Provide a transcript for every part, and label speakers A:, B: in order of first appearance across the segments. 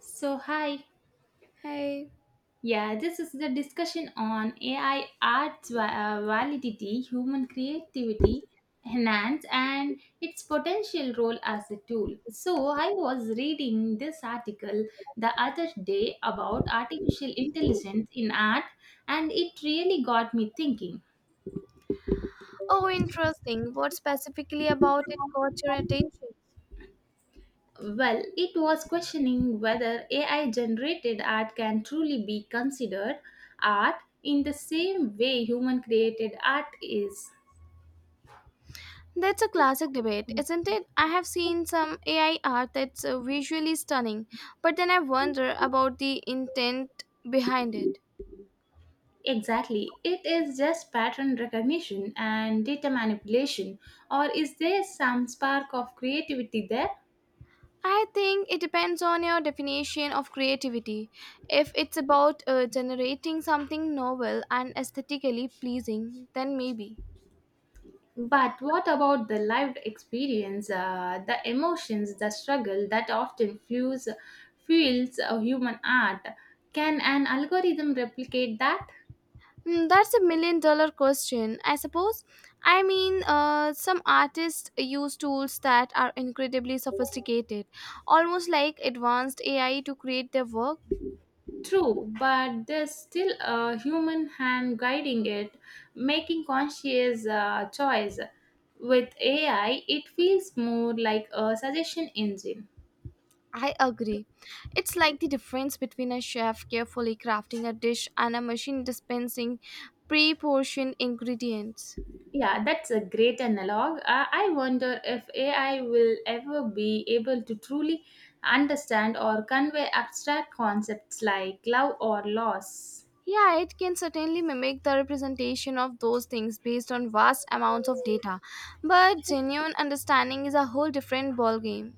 A: So, hi.
B: Hey.
A: Yeah, this is the discussion on AI validity, human creativity, enhance, and its potential role as a tool. So, I was reading this article the other day about artificial intelligence in art, and it really got me thinking.
B: Oh, interesting. What specifically about it caught your attention?
A: Well, it was questioning whether AI generated art can truly be considered art in the same way human created art is.
B: That's a classic debate, isn't it? I have seen some AI art that's visually stunning, but then I wonder about the intent behind it.
A: Exactly. It is just pattern recognition and data manipulation, or is there some spark of creativity there?
B: I think it depends on your definition of creativity. If it's about generating something novel and aesthetically pleasing, then maybe.
A: But what about the lived experience, the emotions, the struggle that often fuels, fuels human art? Can an algorithm replicate that?
B: Hmm, that's a million-dollar question, I suppose. I mean, some artists use tools that are incredibly sophisticated, almost like advanced AI to create their work.
A: True, but there's still a human hand guiding it, making conscious choice. With AI, it feels more like a suggestion engine.
B: I agree. It's like the difference between a chef carefully crafting a dish and a machine dispensing pre portioned ingredients.
A: Yeah, that's a great analog. I wonder if AI will ever be able to truly understand or convey abstract concepts like love or loss.
B: Yeah, it can certainly mimic the representation of those things based on vast amounts of data, but genuine understanding is a whole different ballgame.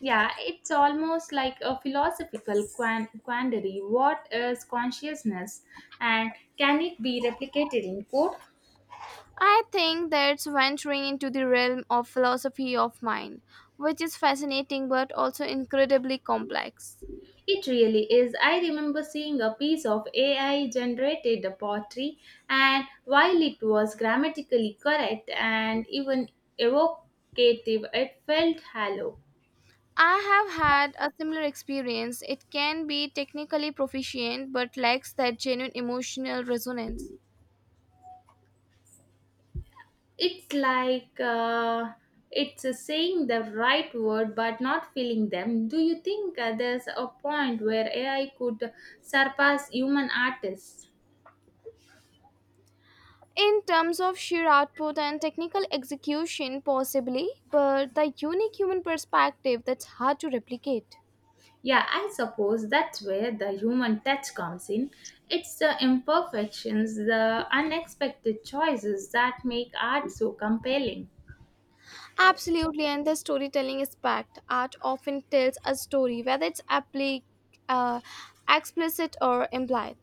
A: Yeah, it's almost like a philosophical quandary. What is consciousness and can it be replicated in code?
B: I think that's venturing into the realm of philosophy of mind, which is fascinating but also incredibly complex.
A: It really is. I remember seeing a piece of AI generated poetry, and while it was grammatically correct and even evocative, it felt hollow.
B: I have had a similar experience. It can be technically proficient but lacks that genuine emotional resonance.
A: It's like it's Saying the right word but not feeling them. Do you think there's a point where AI could surpass human artists?
B: In terms of sheer output and technical execution, possibly, but the unique human perspective that's hard to replicate.
A: Yeah, I suppose that's where the human touch comes in. It's the imperfections, the unexpected choices that make art so compelling.
B: Absolutely, and the storytelling is packed. Art often tells a story, whether it's uh, explicit or implied.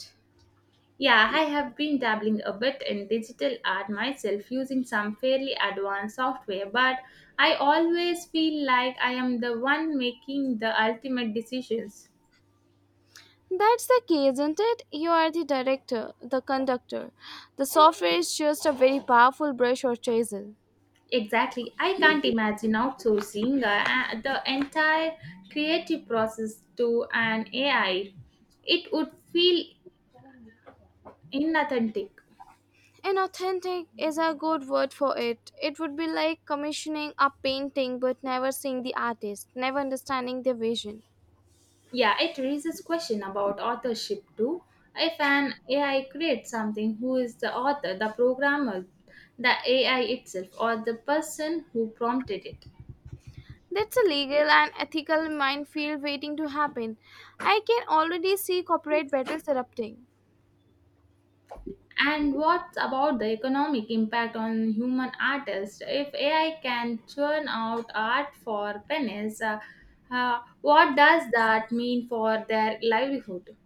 A: Yeah, I have been dabbling a bit in digital art myself using some fairly advanced software, but I always feel like I am the one making the ultimate decisions.
B: That's the key, isn't it? You are the director, the conductor. The software is just a very powerful brush or chisel.
A: Exactly. I can't imagine outsourcing the entire creative process to an AI. It would feel inauthentic.
B: Inauthentic is a good word for it. It would be like commissioning a painting but never seeing the artist, never understanding their vision.
A: Yeah, it raises question about authorship too. If an AI creates something, who is the author, the programmer, the AI itself, or the person who prompted it?
B: That's a legal and ethical minefield waiting to happen. I can already see corporate battles erupting.
A: And what about the economic impact on human artists? If AI can churn out art for pennies, what does that mean for their livelihood?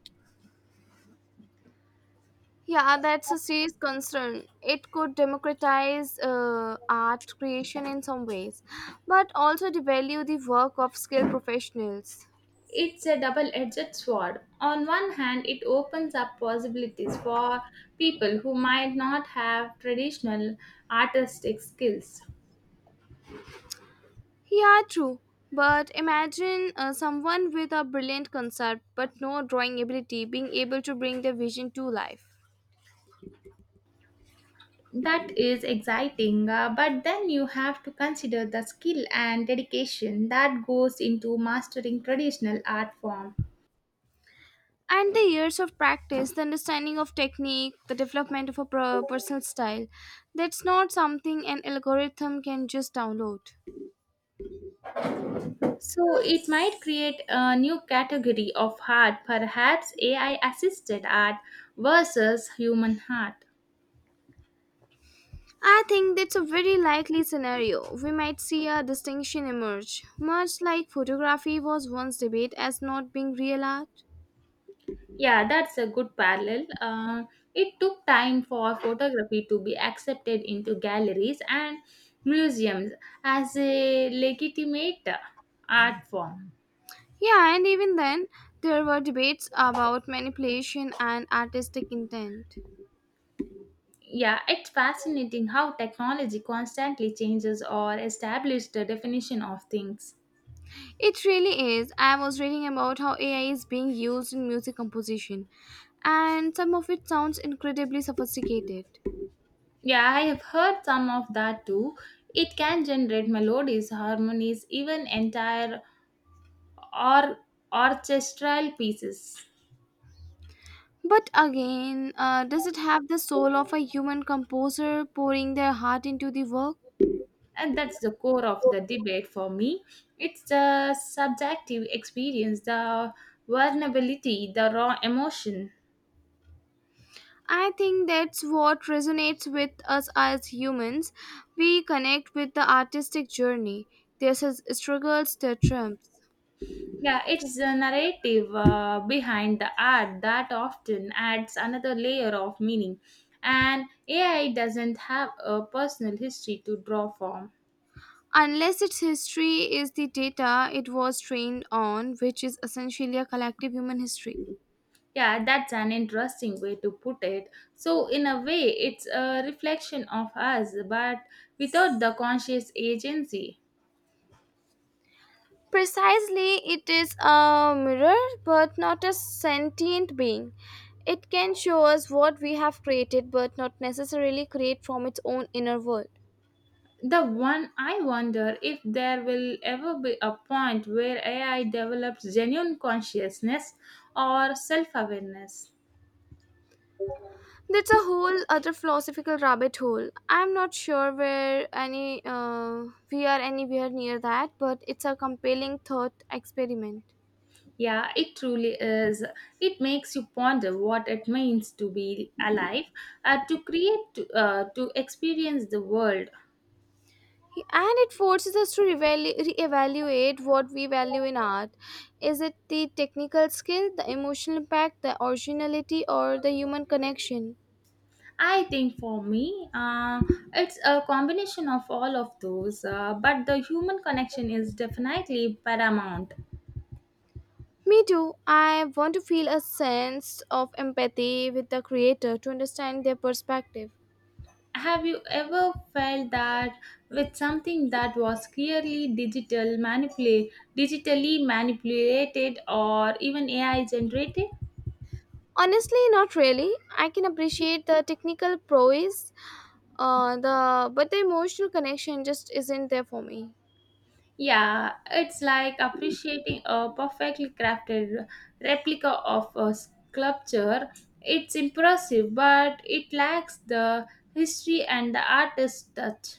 B: Yeah, that's a serious concern. It could democratize art creation in some ways, but also devalue the work of skilled professionals.
A: It's a double edged sword. On one hand, it opens up possibilities for people who might not have traditional artistic skills.
B: Yeah, true. But imagine someone with a brilliant concept but no drawing ability being able to bring their vision to life.
A: That is exciting, but then you have to consider the skill and dedication that goes into mastering traditional art form.
B: And the years of practice, the understanding of technique, the development of a personal style, that's not something an algorithm can just download.
A: So it might create a new category of art, perhaps AI assisted art versus human art.
B: I think that's a very likely scenario. We might see a distinction emerge, much like photography was once debated as not being real art.
A: Yeah, that's a good parallel. It took time for photography to be accepted into galleries and museums as a legitimate art form.
B: Yeah, and even then there were debates about manipulation and artistic intent.
A: Yeah, it's fascinating how technology constantly changes or establishes the definition of things.
B: It really is. I was reading about how AI is being used in music composition, and some of it sounds incredibly sophisticated.
A: Yeah, I have heard some of that too. It can generate melodies, harmonies, even entire or orchestral pieces.
B: But again, does it have the soul of a human composer pouring their heart into the work?
A: And that's the core of the debate for me. It's the subjective experience, the vulnerability, the raw emotion.
B: I think that's what resonates with us as humans. We connect with the artistic journey, their struggles, their triumphs.
A: Yeah, it's the narrative behind the art that often adds another layer of meaning, and AI doesn't have a personal history to draw from.
B: Unless its history is the data it was trained on, which is essentially a collective human history.
A: Yeah, that's an interesting way to put it. So in a way, it's a reflection of us, but without the conscious agency.
B: Precisely, it is a mirror, but not a sentient being. It can show us what we have created, but not necessarily create from its own inner world.
A: The one I wonder if there will ever be a point where AI develops genuine consciousness or self awareness.
B: That's a whole other philosophical rabbit hole. I'm not sure where any we are anywhere near that, but it's a compelling thought experiment.
A: Yeah, it truly is. It makes you ponder what it means to be alive, to create, to experience the world.
B: And it forces us to reevaluate what we value in art. Is it the technical skill, the emotional impact, the originality, or the human connection?
A: I think for me, it's a combination of all of those, but the human connection is definitely paramount.
B: Me too. I want to feel a sense of empathy with the creator, to understand their perspective.
A: Have you ever felt that with something that was clearly digitally manipulated or even AI generated?
B: Honestly, not really. I can appreciate the technical prowess, the but the emotional connection just isn't there for me.
A: Yeah, it's like appreciating a perfectly crafted replica of a sculpture. It's impressive, but it lacks the history and the artist touch.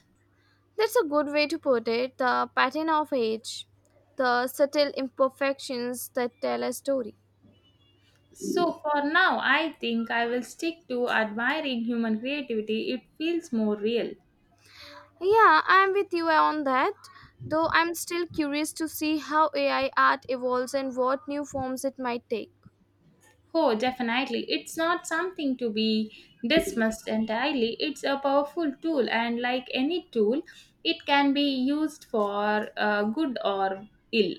B: That's a good way to put it. The pattern of age, the subtle imperfections that tell a story.
A: So for now, I think I will stick to admiring human creativity. It feels more real.
B: Yeah, I'm with you on that. Though I'm still curious to see how AI art evolves and what new forms it might take.
A: Oh, definitely. It's not something to be dismissed entirely. It's a powerful tool, and like any tool, it can be used for good or ill.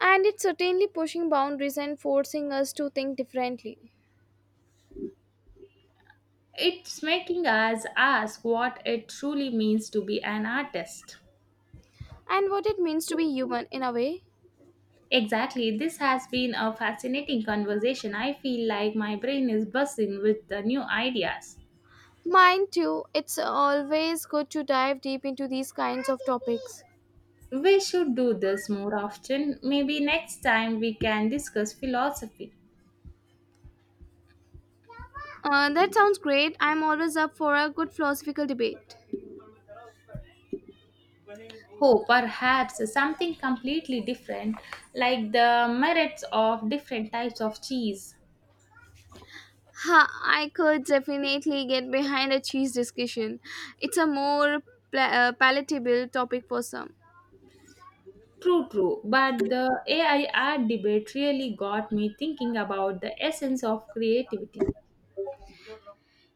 B: And it's certainly pushing boundaries and forcing us to think differently.
A: It's making us ask what it truly means to be an artist.
B: And what it means to be human in a way.
A: Exactly. This has been a fascinating conversation. I feel like my brain is buzzing with the new ideas.
B: Mine too, it's always good to dive deep into these kinds of topics.
A: We should do this more often. Maybe next time we can discuss philosophy.
B: That sounds great. I'm always up for a good philosophical debate.
A: Oh, perhaps something completely different, like the merits of different types of cheese.
B: Ha, I could definitely get behind a cheese discussion. It's a more palatable topic for some.
A: True, true. But the AI art debate really got me thinking about the essence of creativity.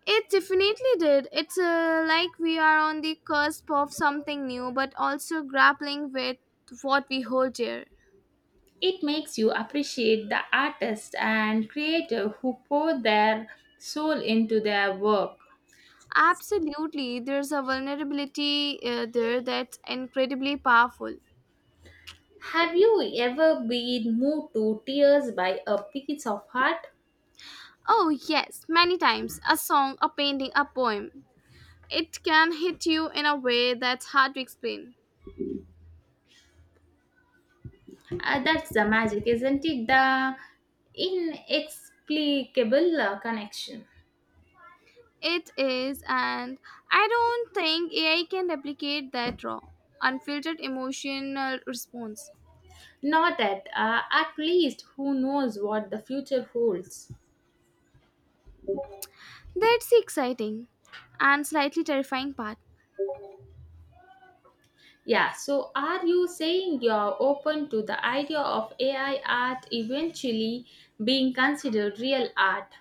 B: It definitely did. It's like we are on the cusp of something new, but also grappling with what we hold dear.
A: It makes you appreciate the artist and creator who pour their soul into their work.
B: Absolutely, there's a vulnerability there that's incredibly powerful.
A: Have you ever been moved to tears by a piece of art?
B: Oh, yes, many times. A song, a painting, a poem. It can hit you in a way that's hard to explain.
A: That's the magic, isn't it? The inexplicable connection.
B: It is, and I don't think AI can replicate that raw, unfiltered emotional response.
A: Not that, at least who knows what the future holds.
B: That's the exciting and slightly terrifying part.
A: Yeah, so are you saying you're open to the idea of AI art eventually being considered real art?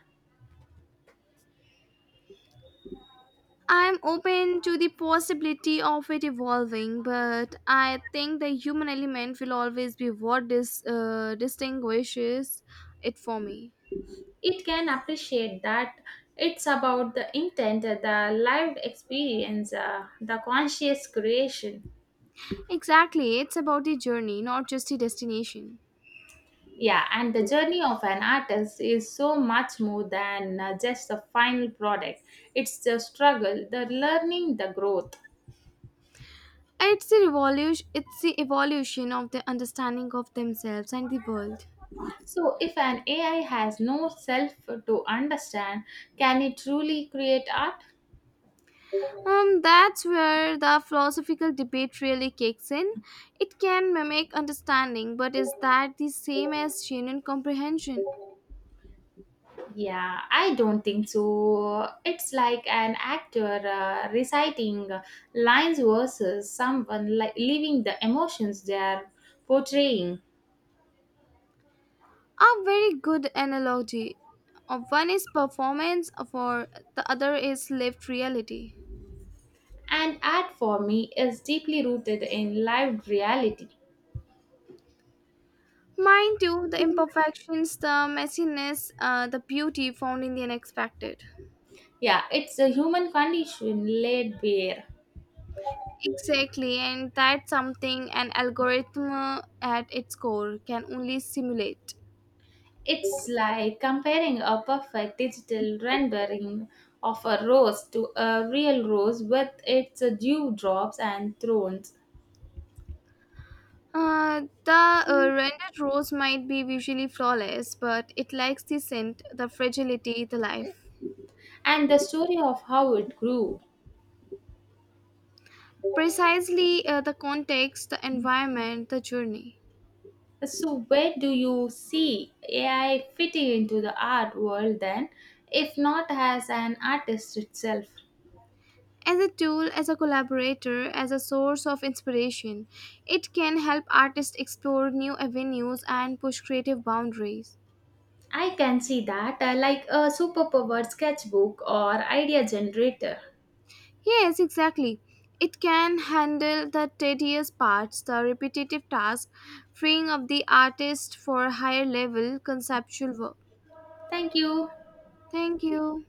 B: I'm open to the possibility of it evolving, but I think the human element will always be what distinguishes it for me.
A: It can appreciate that it's about the intent, the lived experience, the conscious creation.
B: Exactly, it's about the journey, not just the destination.
A: Yeah, and the journey of an artist is so much more than just the final product. It's the struggle, the learning, the growth.
B: It's the revolution. It's the evolution of the understanding of themselves and the world.
A: So, if an AI has no self to understand, can it truly create art?
B: That's where the philosophical debate really kicks in. It can mimic understanding, but is that the same as genuine comprehension?
A: Yeah, I don't think so. It's like an actor reciting lines versus someone living the emotions they are portraying.
B: A very good analogy. One is performance, for the other is lived reality.
A: And art for me is deeply rooted in lived reality.
B: Mind too, the imperfections, the messiness, the beauty found in the unexpected.
A: Yeah, it's a human condition laid bare.
B: Exactly, and that's something an algorithm at its core can only simulate.
A: It's like comparing a perfect digital rendering of a rose to a real rose with its dewdrops and thorns,
B: The rendered rose might be visually flawless, but it lacks the scent, the fragility, the life.
A: and the story of how it grew.
B: Precisely, the context, the environment, the journey.
A: So, where do you see AI fitting into the art world then, if not as an artist itself?
B: As a tool, as a collaborator, as a source of inspiration, it can help artists explore new avenues and push creative boundaries.
A: I can see that, like a superpower sketchbook or idea generator.
B: Yes, exactly. It can handle the tedious parts, the repetitive tasks, freeing up the artist for higher level conceptual work.
A: Thank you.
B: Thank you.